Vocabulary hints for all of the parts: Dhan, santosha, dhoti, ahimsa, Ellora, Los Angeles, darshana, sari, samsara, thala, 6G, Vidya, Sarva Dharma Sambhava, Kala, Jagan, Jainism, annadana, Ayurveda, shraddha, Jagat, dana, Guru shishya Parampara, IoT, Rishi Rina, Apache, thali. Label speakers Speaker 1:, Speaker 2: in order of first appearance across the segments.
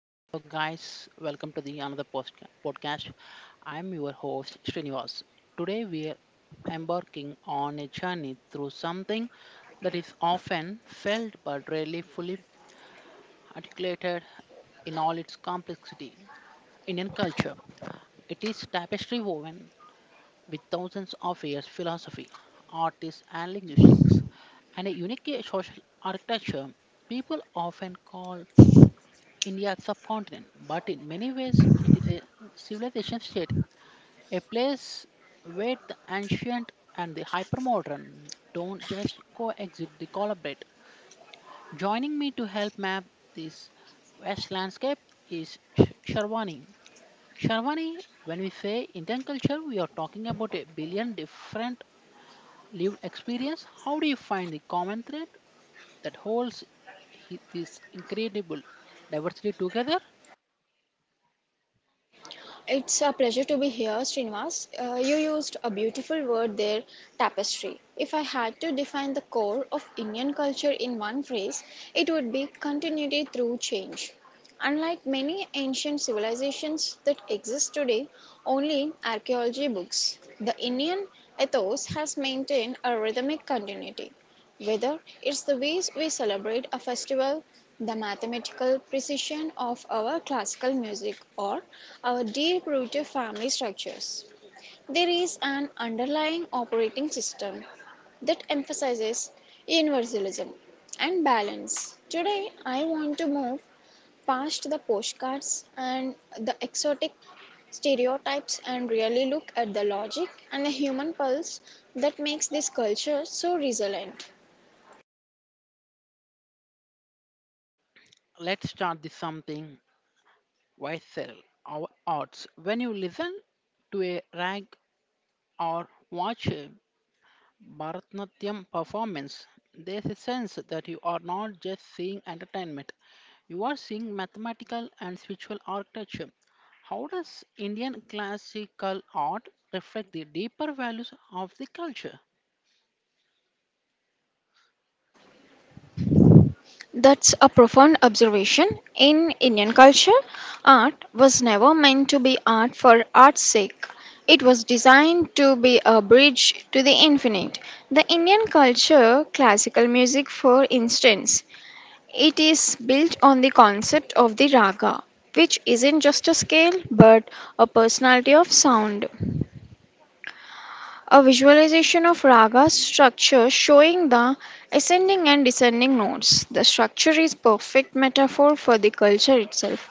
Speaker 1: Hello, guys. Welcome to the another post- podcast. I'm your host Srinivas. Today we are embarking on a journey through something that is often felt but rarely fully articulated in all its complexity: Indian culture. It is tapestry woven with thousands of years philosophy, artists, and linguistics, and a unique social architecture. People often call India subcontinent, but in many ways it is a civilization state, a place where the ancient and the hypermodern don't just coexist, they collaborate. Joining me to help map this vast landscape is Sharwani. Sharwani, when we say Indian culture, we are talking about a billion different lived experience. How do you find the common thread that holds this incredible diversity together?
Speaker 2: It's a pleasure to be here, Srinivas. You used a beautiful word there, tapestry. If I had to define the core of Indian culture in one phrase, it would be continuity through change. Unlike many ancient civilizations that exist today, only in archaeology books, the Indian ethos has maintained a rhythmic continuity. Whether it's the ways we celebrate a festival, the mathematical precision of our classical music, or our deep rooted family structures, there is an underlying operating system that emphasizes universalism and balance. Today, I want to move past the postcards and the exotic stereotypes and really look at the logic and the human pulse that makes this culture so resilient.
Speaker 1: Let's start this something. Why sell our arts? When you listen to a rag or watch a Bharatanatyam performance, there's a sense that you are not just seeing entertainment, you are seeing mathematical and spiritual architecture. How does Indian classical art reflect the deeper values of the culture?
Speaker 2: That's a profound observation. In Indian culture, art was never meant to be art for art's sake. It was designed to be a bridge to the infinite. The Indian culture, classical music for instance, it is built on the concept of the raga, which isn't just a scale but a personality of sound a visualization of raga structure showing the ascending and descending notes. The structure is perfect metaphor for the culture itself.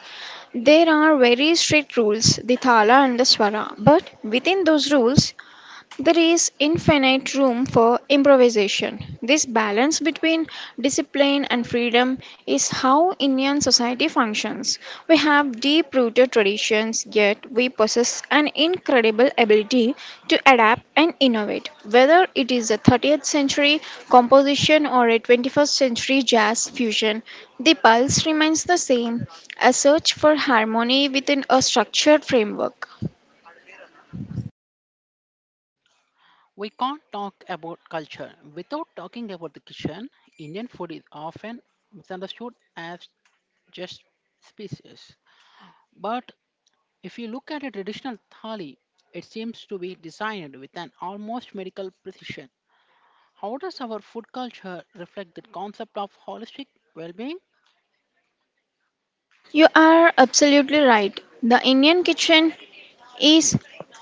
Speaker 2: There are very strict rules, the thala and the swara, but within those rules, there is infinite room for improvisation. This balance between discipline and freedom is how Indian society functions. We have deep rooted traditions, yet we possess an incredible ability to adapt and innovate. Whether it is a 30th century composition or a 21st century jazz fusion, the pulse remains the same a search for harmony within a structured framework.
Speaker 1: We can't talk about culture without talking about the kitchen. Indian food is often misunderstood as just species, but if you look at a traditional thali, it seems to be designed with an almost medical precision. How does our food culture reflect the concept of holistic well-being?
Speaker 2: You are absolutely right. The Indian kitchen is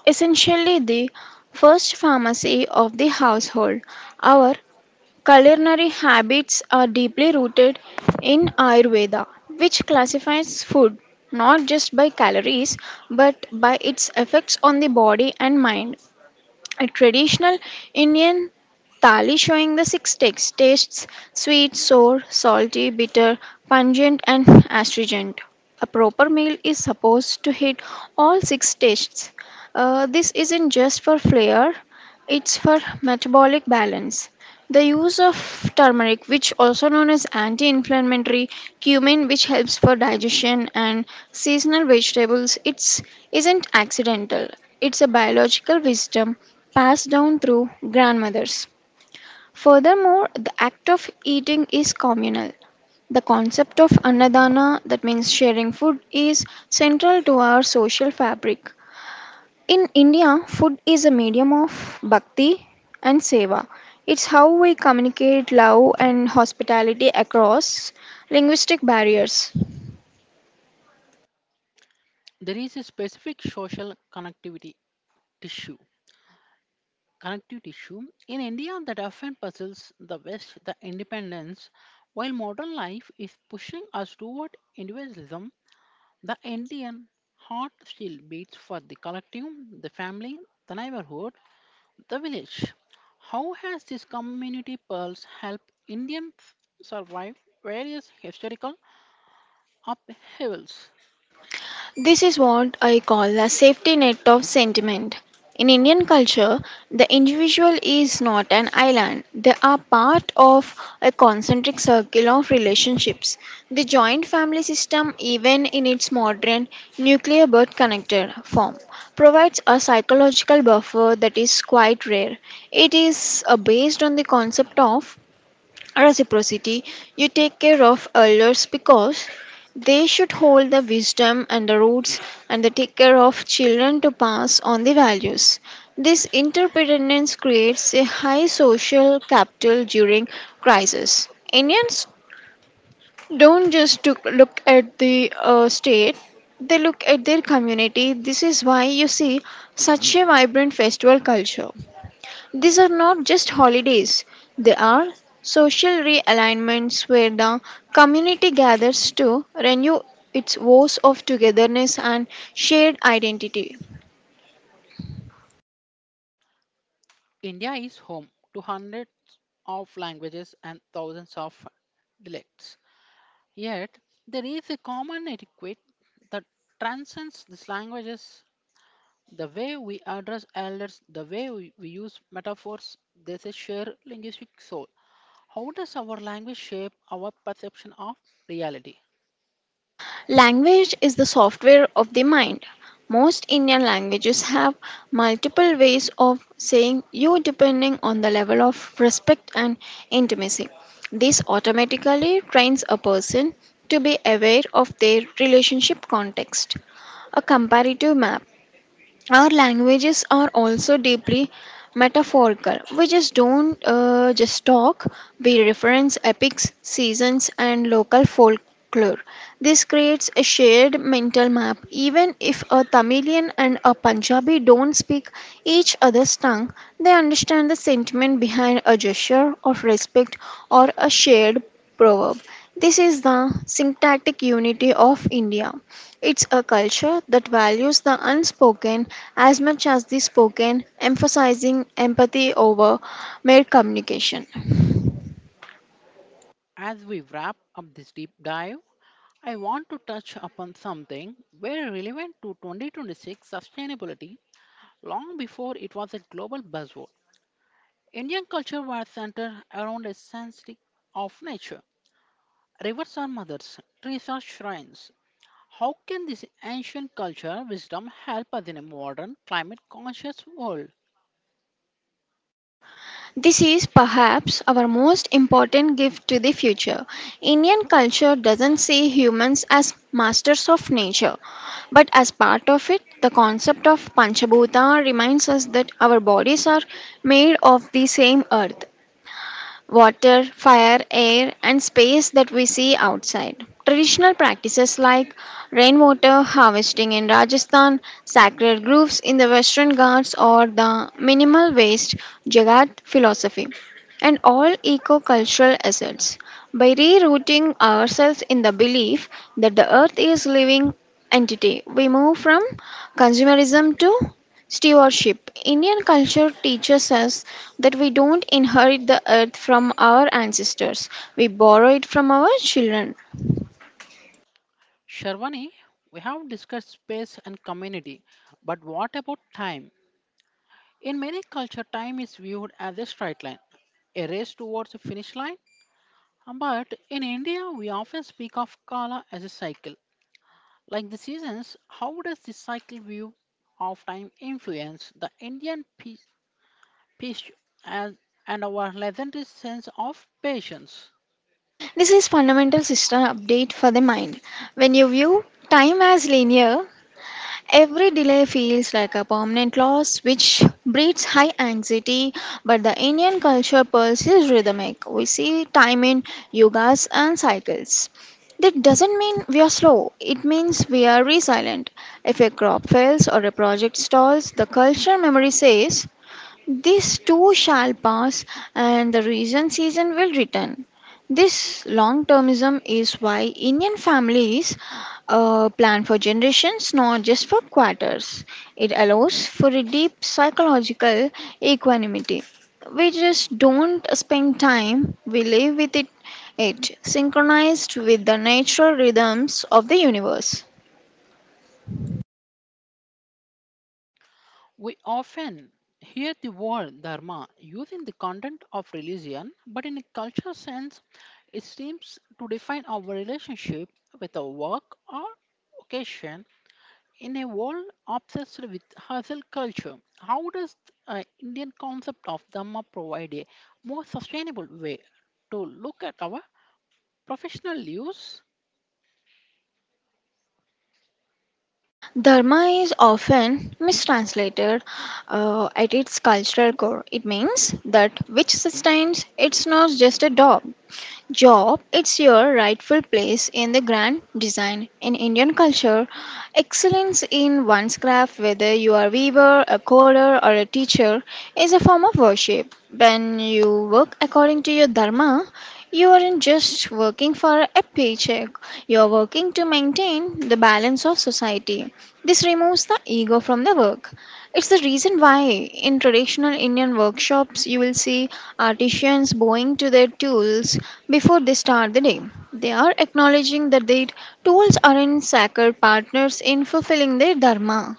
Speaker 2: essentially the first pharmacy of the household. Our culinary habits are deeply rooted in Ayurveda, which classifies food not just by calories but by its effects on the body and mind. A traditional Indian thali showing the six takes tastes sweet, sour, salty, bitter, pungent, and astringent. A proper meal is supposed to hit all six tastes. This isn't just for flair, it's for metabolic balance. The use of turmeric, which also known as anti-inflammatory, cumin, which helps for digestion, and seasonal vegetables, it's isn't accidental. It's a biological wisdom passed down through grandmothers. Furthermore, the act of eating is communal. The concept of annadana, that means sharing food, is central to our social fabric. In India, food is a medium of bhakti and seva. It's how we communicate love and hospitality across linguistic barriers.
Speaker 1: There is a specific social tissue, connective tissue in India that often puzzles the West. The independence, while modern life is pushing us toward individualism, the Indian heart still beats for the collective, the family, the neighborhood, the village. How has this community pulse helped Indians survive various historical upheavals?
Speaker 2: This is what I call a safety net of sentiment. In Indian culture, the individual is not an island. They are part of a concentric circle of relationships. The joint family system, even in its modern nuclear but connected form, provides a psychological buffer that is quite rare. It is based on the concept of reciprocity. You take care of elders because they should hold the wisdom and the roots, and they take care of children to pass on the values. This interdependence creates a high social capital during crisis. Indians don't just to look at the state, they look at their community. This is why you see such a vibrant festival culture. These are not just holidays, they are social realignments where the community gathers to renew its vows of togetherness and shared identity.
Speaker 1: India is home to hundreds of languages and thousands of dialects. Yet, there is a common etiquette that transcends these languages. The way we address elders, the way we use metaphors, there's a shared linguistic soul. How does our language shape our perception of reality?
Speaker 2: Language is the software of the mind. Most Indian languages have multiple ways of saying you depending on the level of respect and intimacy. This automatically trains a person to be aware of their relationship context. A comparative map our languages are also deeply metaphorical. We just don't just talk, we reference epics, seasons, and local folklore. This creates a shared mental map. Even if a Tamilian and a Punjabi don't speak each other's tongue, they understand the sentiment behind a gesture of respect or a shared proverb. This is the syntactic unity of India. It's a culture that values the unspoken as much as the spoken, emphasizing empathy over mere communication.
Speaker 1: As we wrap up this deep dive, I want to touch upon something very relevant to 2026 sustainability long before it was a global buzzword. Indian culture was centered around a sense of nature. Rivers are mothers, trees are shrines. How can this ancient culture wisdom help us in a modern climate conscious world?
Speaker 2: This is perhaps our most important gift to the future. Indian culture doesn't see humans as masters of nature, but as part of it, the concept of Panchabhuta reminds us that our bodies are made of the same earth. Water, fire, air, and space that we see outside. Traditional practices like rainwater harvesting in Rajasthan, sacred groves in the Western Ghats, or the minimal waste Jagat philosophy, and all eco cultural assets. By rerouting ourselves in the belief that the earth is living entity, we move from consumerism to stewardship. Indian culture teaches us that we don't inherit the earth from our ancestors, we borrow it from our children.
Speaker 1: Sharwani, we have discussed space and community, but what about time? In many cultures, time is viewed as a straight line a race towards a finish line. But in India, we often speak of Kala as a cycle. Like the seasons, how does the cycle view of time influence the Indian peace, peace and, and our legendary sense of patience?
Speaker 2: This is fundamental system update for the mind. When you view time as linear, every delay feels like a permanent loss, which breeds high anxiety. But the Indian culture pulse is rhythmic. We see time in yogas and cycles. That doesn't mean we are slow, it means we are resilient. If a crop fails or a project stalls, the culture memory says this too shall pass, and the reason season will return. This long termism is why Indian families plan for generations, not just for quarters. It allows for a deep psychological equanimity. We just don't spend time, we live with it, it synchronized with the natural rhythms of the universe.
Speaker 1: We often hear the word dharma using the content of religion, but in a cultural sense, it seems to define our relationship with our work or vocation. In a world obsessed with hustle culture, how does Indian concept of Dhamma provide a more sustainable way to look at our professional lives?
Speaker 2: Dharma is often mistranslated at its cultural core. It means that which sustains, it's not just a dog job, it's your rightful place in the grand design. In Indian culture, excellence in one's craft, whether you are a weaver, a coder, or a teacher, is a form of worship. When you work according to your dharma, you aren't just working for a paycheck, you're working to maintain the balance of society. This removes the ego from the work. It's the reason why in traditional Indian workshops you will see artisans bowing to their tools before they start the day. They are acknowledging that their tools aren't sacred partners in fulfilling their dharma.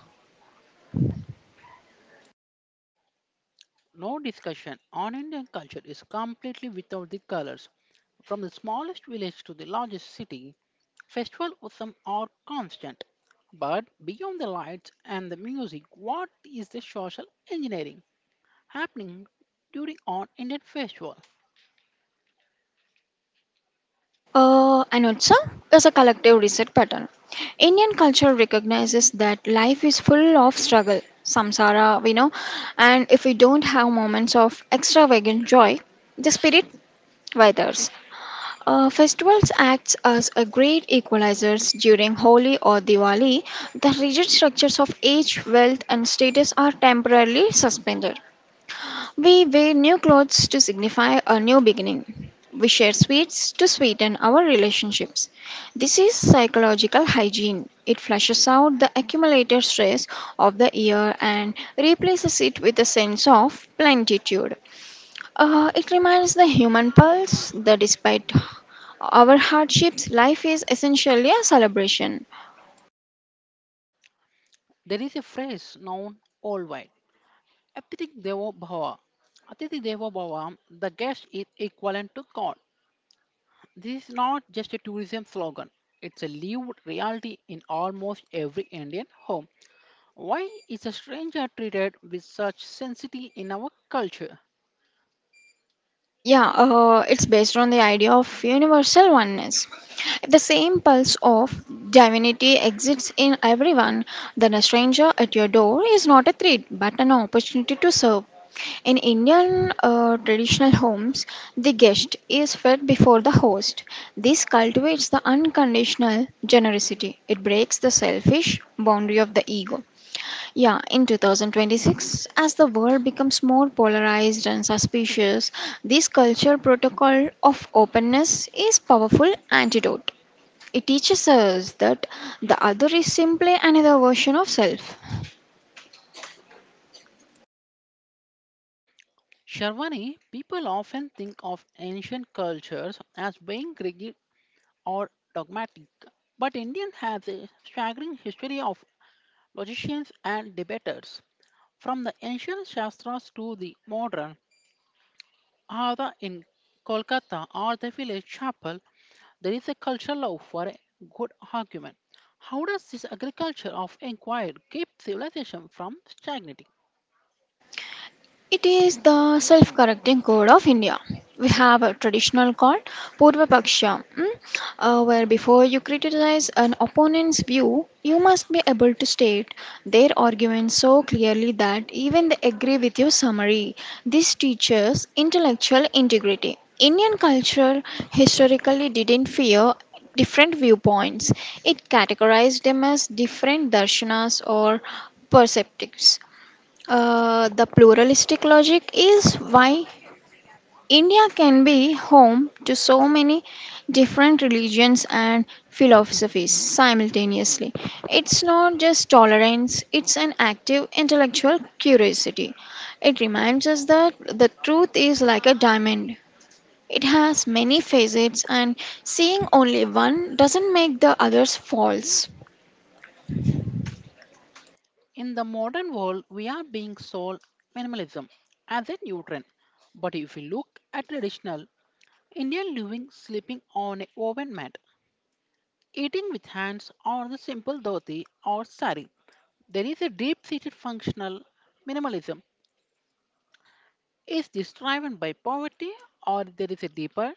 Speaker 1: No discussion on Indian culture is completely without the colors. From the smallest village to the largest city, festival or are constant. But beyond the lights and the music, what is the social engineering happening during on Indian festival?
Speaker 2: And also, there's a collective reset pattern. Indian culture recognizes that life is full of struggle, samsara, we know, and if we don't have moments of extravagant joy, the spirit withers. Festivals act as a great equalizers during Holi or Diwali. The rigid structures of age, wealth, and status are temporarily suspended. We wear new clothes to signify a new beginning. We share sweets to sweeten our relationships. This is psychological hygiene. It flushes out the accumulated stress of the year and replaces it with a sense of plenitude. It reminds the human pulse that despite our hardships, life is essentially a celebration.
Speaker 1: There is a phrase known worldwide, "Atithi Devo Bhava. Atithi Devo Bhava," the guest is equivalent to God. This is not just a tourism slogan, it's a lived reality in almost every Indian home. Why is a stranger treated with such sensitivity in our culture?
Speaker 2: Yeah, it's based on the idea of universal oneness. If the same pulse of divinity exists in everyone, then a stranger at your door is not a threat but an opportunity to serve. In Indian traditional homes, the guest is fed before the host. This cultivates the unconditional generosity, it breaks the selfish boundary of the ego. Yeah, in 2026, as the world becomes more polarized and suspicious, this culture protocol of openness is powerful antidote. It teaches us that the other is simply another version of self.
Speaker 1: Sharwani, people often think of ancient cultures as being rigid or dogmatic, but Indian has a staggering history of logicians and debaters. From the ancient Shastras to the modern Ada in Kolkata or the village chapel, there is a cultural love for a good argument. How does this agriculture of inquiry keep civilization from stagnating?
Speaker 2: It is the self correcting code of India. We have a traditional called Purva Paksha, mm, where before you criticize an opponent's view, you must be able to state their argument so clearly that even they agree with your summary. This teaches intellectual integrity. Indian culture historically didn't fear different viewpoints. It categorized them as different darshanas or perceptives. The pluralistic logic is why India can be home to so many different religions and philosophies simultaneously. It's not just tolerance, it's an active intellectual curiosity. It reminds us that the truth is like a diamond. It has many facets, and seeing only one doesn't make the others false.
Speaker 1: In the modern world, we are being sold minimalism as a new trend. But if we look at traditional Indian living, sleeping on a woven mat, eating with hands, or the simple dhoti or sari, there is a deep-seated functional minimalism. Is this driven by poverty or there is a deeper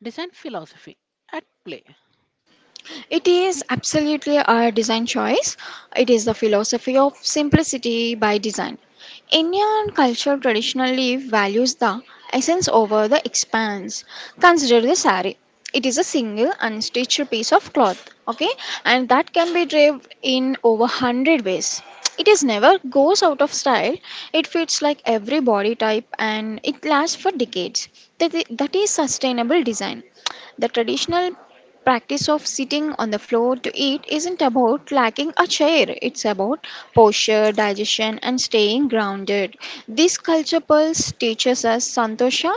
Speaker 1: design philosophy at play?
Speaker 2: It is absolutely a design choice. It is the philosophy of simplicity by design. Indian culture traditionally values the essence over the expanse. Consider the saree. It is a single unstitched piece of cloth, okay, and that can be draped in over 100 ways. It is never goes out of style. It fits like every body type and it lasts for decades. That is sustainable design. The traditional practice of sitting on the floor to eat isn't about lacking a chair, it's about posture, digestion, and staying grounded. This culture pulse teaches us santosha,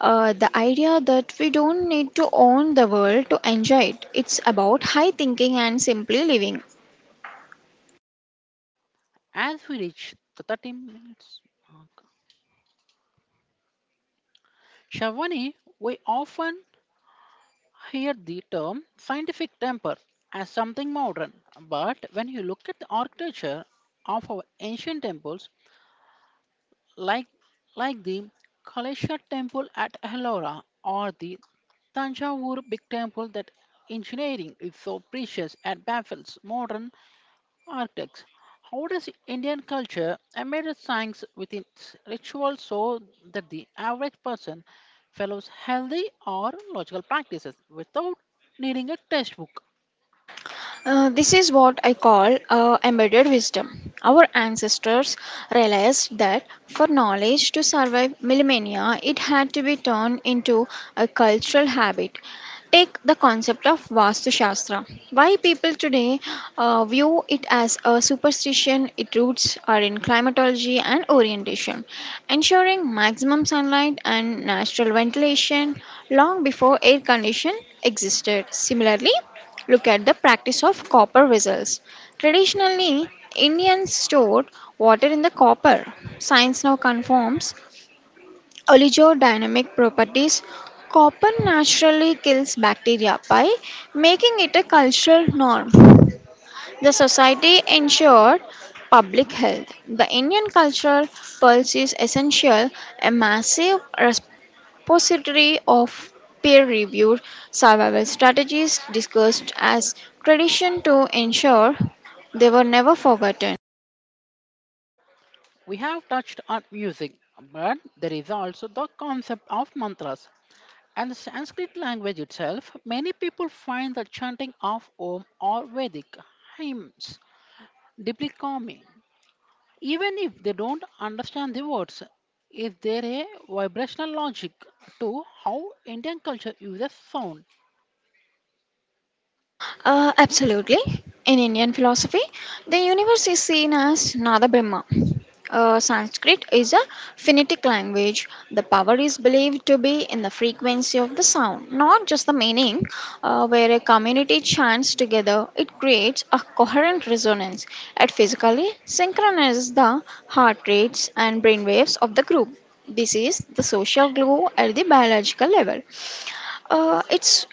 Speaker 2: the idea that we don't need to own the world to enjoy it. It's about high thinking and simply living.
Speaker 1: As we reach the 30 minutes mark, Shavani, we often hear the term scientific temper as something modern, but when you look at the architecture of our ancient temples, like the Kalesha temple at Ellora or the Tanjavur big temple, that engineering is so precious and baffles modern architects. How does Indian culture embrace science with its rituals so that the average person follows healthy or logical practices without needing a textbook?
Speaker 2: This is what I call embedded wisdom. Our ancestors realized that for knowledge to survive millennia, it had to be turned into a cultural habit. Take the concept of Vastu Shastra. Why people today view it as a superstition, its roots are in climatology and orientation, ensuring maximum sunlight and natural ventilation long before air condition existed. Similarly, look at the practice of copper vessels. Traditionally, Indians stored water in the copper. Science now confirms oligodynamic properties. Copper naturally kills bacteria by making it a cultural norm. The society ensured public health. The Indian cultural pulse is essential, a massive responsibility repository of peer-reviewed survival strategies discussed as tradition to ensure they were never forgotten.
Speaker 1: We have touched on music, but there is also the concept of mantras. And the Sanskrit language itself, many people find the chanting of Om or Vedic hymns deeply calming, even if they don't understand the words. Is there a vibrational logic to how Indian culture uses sound?
Speaker 2: Absolutely. In Indian philosophy, the universe is seen as Nada Brahma. Sanskrit is a phonetic language. The power is believed to be in the frequency of the sound, not just the meaning. Where a community chants together, it creates a coherent resonance. It physically synchronizes the heart rates and brain waves of the group. This is the social glue at the biological level. Uh, it's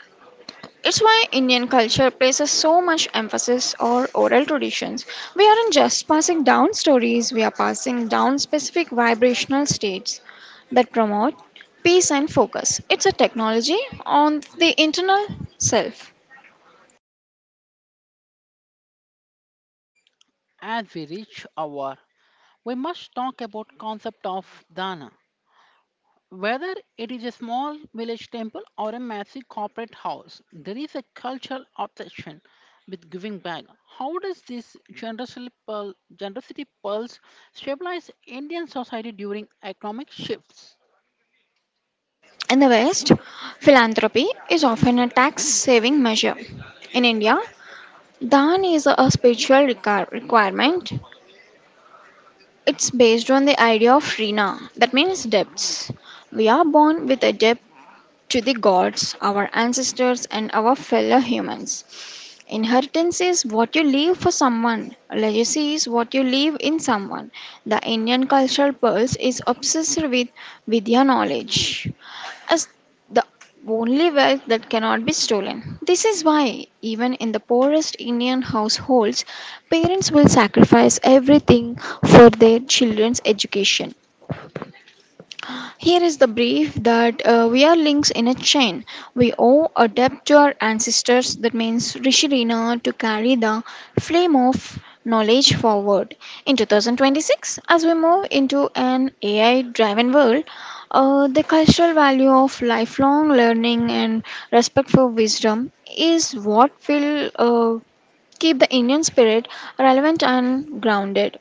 Speaker 2: it's why Indian culture places so much emphasis on oral traditions. We aren't just passing down stories, we are passing down specific vibrational states that promote peace and focus. It's a technology on the internal self.
Speaker 1: As we reach our, we must talk about concept of dana. Whether it is a small village temple or a massive corporate house, there is a cultural obsession with giving back. How does this generosity pulse stabilize Indian society during economic shifts?
Speaker 2: In the West, philanthropy is often a tax saving measure. In India, Dhan is a spiritual requirement. It's based on the idea of Rina, that means debts. We are born with a debt to the gods, our ancestors, and our fellow humans. Inheritance is what you leave for someone, legacy is what you leave in someone. The Indian cultural pulse is obsessed with Vidya knowledge as the only wealth that cannot be stolen. This is why, even in the poorest Indian households, parents will sacrifice everything for their children's education. Here is the brief that we are links in a chain. We owe a debt to our ancestors, that means Rishi Rina, to carry the flame of knowledge forward. In 2026, as we move into an AI driven world, the cultural value of lifelong learning and respect for wisdom is what will keep the Indian spirit relevant and grounded.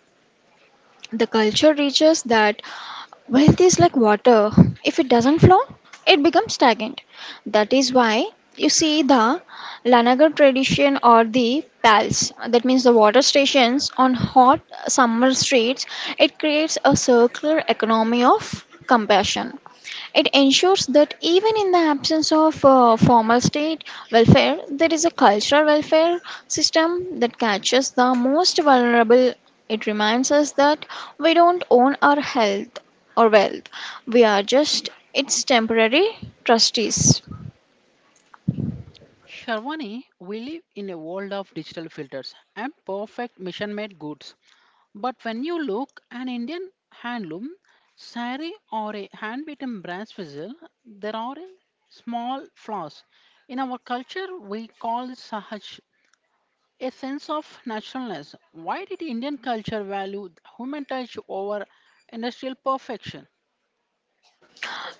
Speaker 2: The culture reaches that wealth is like water. If it doesn't flow, it becomes stagnant. That is why you see the Lanagar tradition or the pals, that means the water stations on hot summer streets, it creates a circular economy of compassion. It ensures that even in the absence of formal state welfare, there is a cultural welfare system that catches the most vulnerable. It reminds us that we don't own our health or wealth, we are just its temporary trustees.
Speaker 1: Sharwani, we live in a world of digital filters and perfect mission made goods. But when you look an Indian handloom sari or a hand beaten brass vessel, there are a small flaws. In our culture, we call this sahaj, a sense of naturalness. Why did Indian culture value human touch over industrial perfection?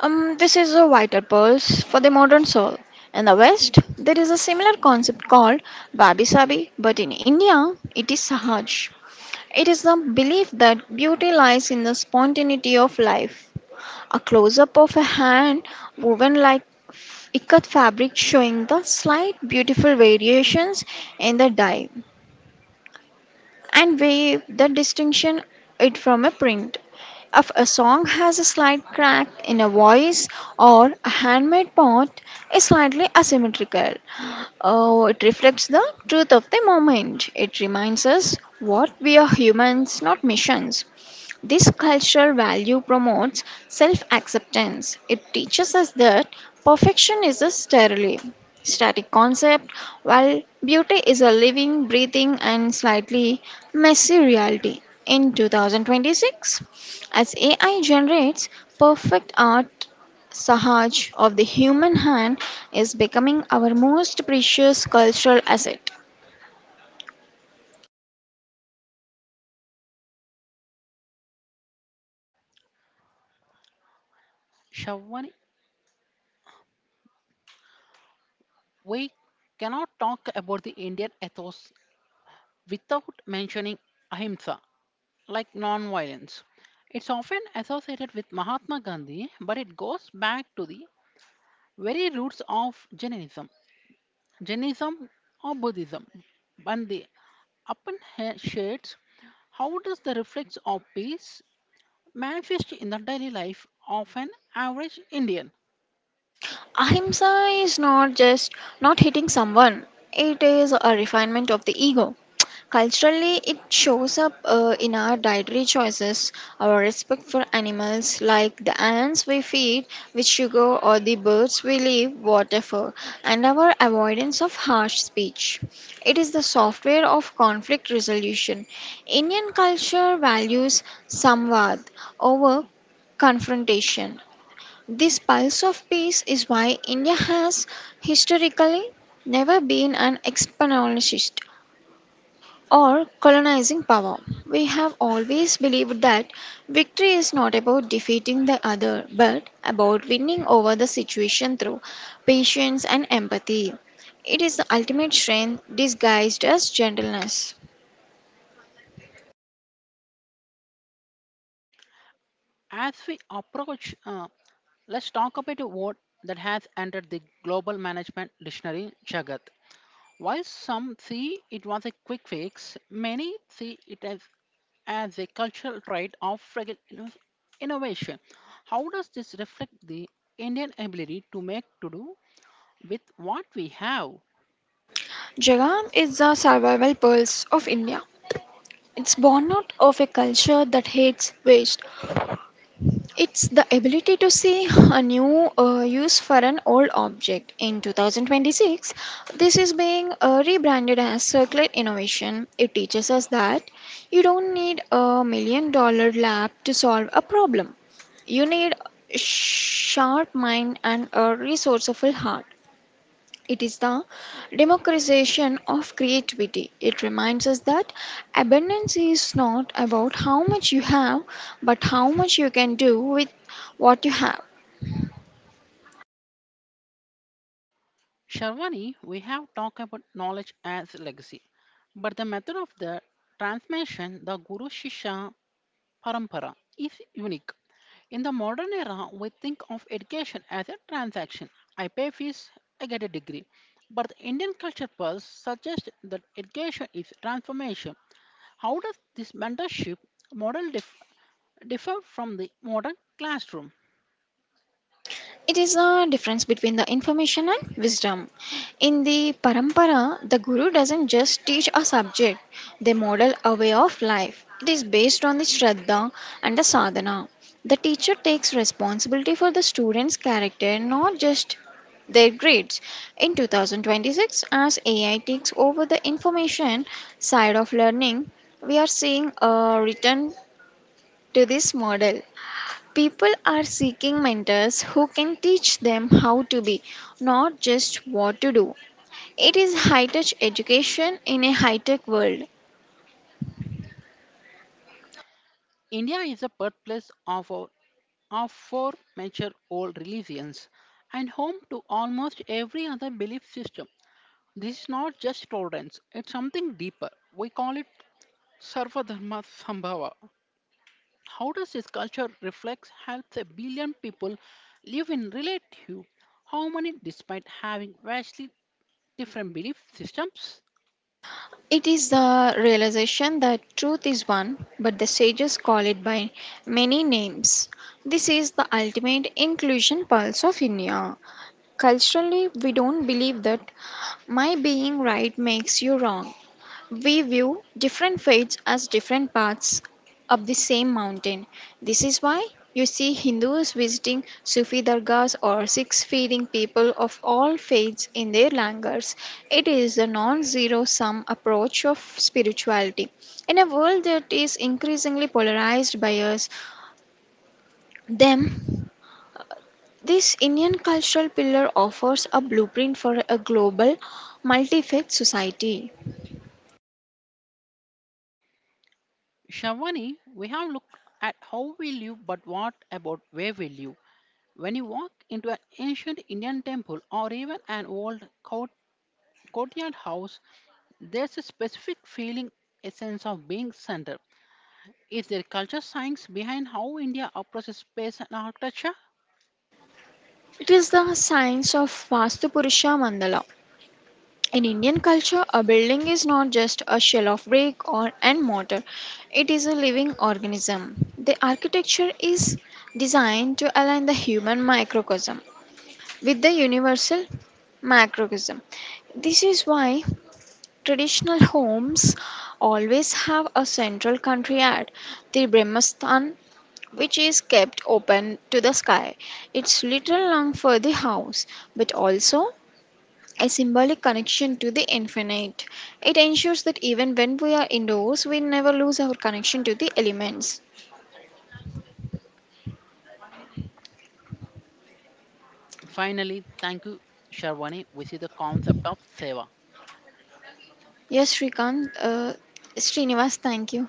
Speaker 2: This is a vital pulse for the modern soul. In the West, there is a similar concept called Babi Sabi, but in India, it is Sahaj. It is the belief that beauty lies in the spontaneity of life. A close up of a hand woven like ikat fabric showing the slight beautiful variations in the dye and wave the distinction it from a print if a song has a slight crack in a voice or a handmade part is slightly asymmetrical, oh, it reflects the truth of the moment. It reminds us what we are humans, not missions. This cultural value promotes self acceptance. It teaches us that perfection is a sterile, static concept, while beauty is a living, breathing, and slightly messy reality. In 2026, as AI generates perfect art, Sahaj of the human hand is becoming our most precious cultural asset.
Speaker 1: Sharwani, we cannot talk about the Indian ethos without mentioning ahimsa like non-violence. It's often associated with Mahatma Gandhi, but it goes back to the very roots of Jainism or Buddhism. And the upper shades, how does the reflex of peace manifest in the daily life of an average Indian?
Speaker 2: Ahimsa is not just not hitting someone, it is a refinement of the ego. Culturally, it shows up in our dietary choices, our respect for animals like the ants we feed with sugar or the birds we leave water for, and our avoidance of harsh speech. It is the software of conflict resolution. Indian culture values samvad over confrontation. This pulse of peace is why India has historically never been an expansionist or colonizing power. We have always believed that victory is not about defeating the other but about winning over the situation through patience and empathy. It is the ultimate strength disguised as gentleness.
Speaker 1: As we approach, let's talk about a word that has entered the global management dictionary, Jagat. While some see it was a quick fix, many see it as a cultural trait of fragile innovation. How does this reflect the Indian ability to make to do with what we have?
Speaker 2: Jagan is the survival pulse of India. It's born out of a culture that hates waste. It's the ability to see a new use for an old object. In 2026, this is being rebranded as circular innovation. It teaches us that you don't need a million dollar lab to solve a problem. You need a sharp mind and a resourceful heart. It is the democratization of creativity. It reminds us that abundance is not about how much you have, but how much you can do with what you have.
Speaker 1: Sharwani, we have talked about knowledge as legacy, but the method of the transmission, the Guru shishya Parampara, is unique. In the modern era, we think of education as a transaction. I pay fees, I get a degree. But the Indian culture pulse suggests that education is transformation. How does this mentorship model differ from the modern classroom?
Speaker 2: It is a difference between the information and wisdom. In the parampara, the guru doesn't just teach a subject, they model a way of life. It is based on the shraddha and the sadhana. The teacher takes responsibility for the student's character, not just their grades. In 2026, as AI takes over the information side of learning, we are seeing a return to this model. People are seeking mentors who can teach them how to be, not just what to do. It is high touch education in a high tech world.
Speaker 1: India is a birthplace of, our, of four major old religions and home to almost every other belief system. This is not just tolerance, it's something deeper. We call it Sarva Dharma Sambhava. How does this culture reflects helps a billion people live in relative harmony despite having vastly different belief systems?
Speaker 2: It is the realization that truth is one, but the sages call it by many names. This is the ultimate inclusion pulse of India. Culturally, we don't believe that my being right makes you wrong. We view different faiths as different parts of the same mountain. This is why you see Hindus visiting Sufi dargahs or Sikhs feeding people of all faiths in their langars. It is a non zero sum approach of spirituality. In a world that is increasingly polarized by us, them, this Indian cultural pillar offers a blueprint for a global multi faith society.
Speaker 1: Shavani, we have looked at how we live, but what about where we live? When you walk into an ancient Indian temple or even an old courtyard house, there's a specific feeling, a sense of being centered. Is there culture science behind how India approaches space and architecture?
Speaker 2: It is the science of Vastupurusha Mandala. In Indian culture, a building is not just a shell of brick or and mortar. It is a living organism. The architecture is designed to align the human microcosm with the universal macrocosm. This is why traditional homes always have a central courtyard, the Brahmasthan, which is kept open to the sky. It's little long for the house, but also a symbolic connection to the infinite. It ensures that even when we are indoors, we never lose our connection to the elements.
Speaker 1: Finally, thank you, Sharwani. We see the concept of seva.
Speaker 2: Yes, Srikant, Srinivas, thank you.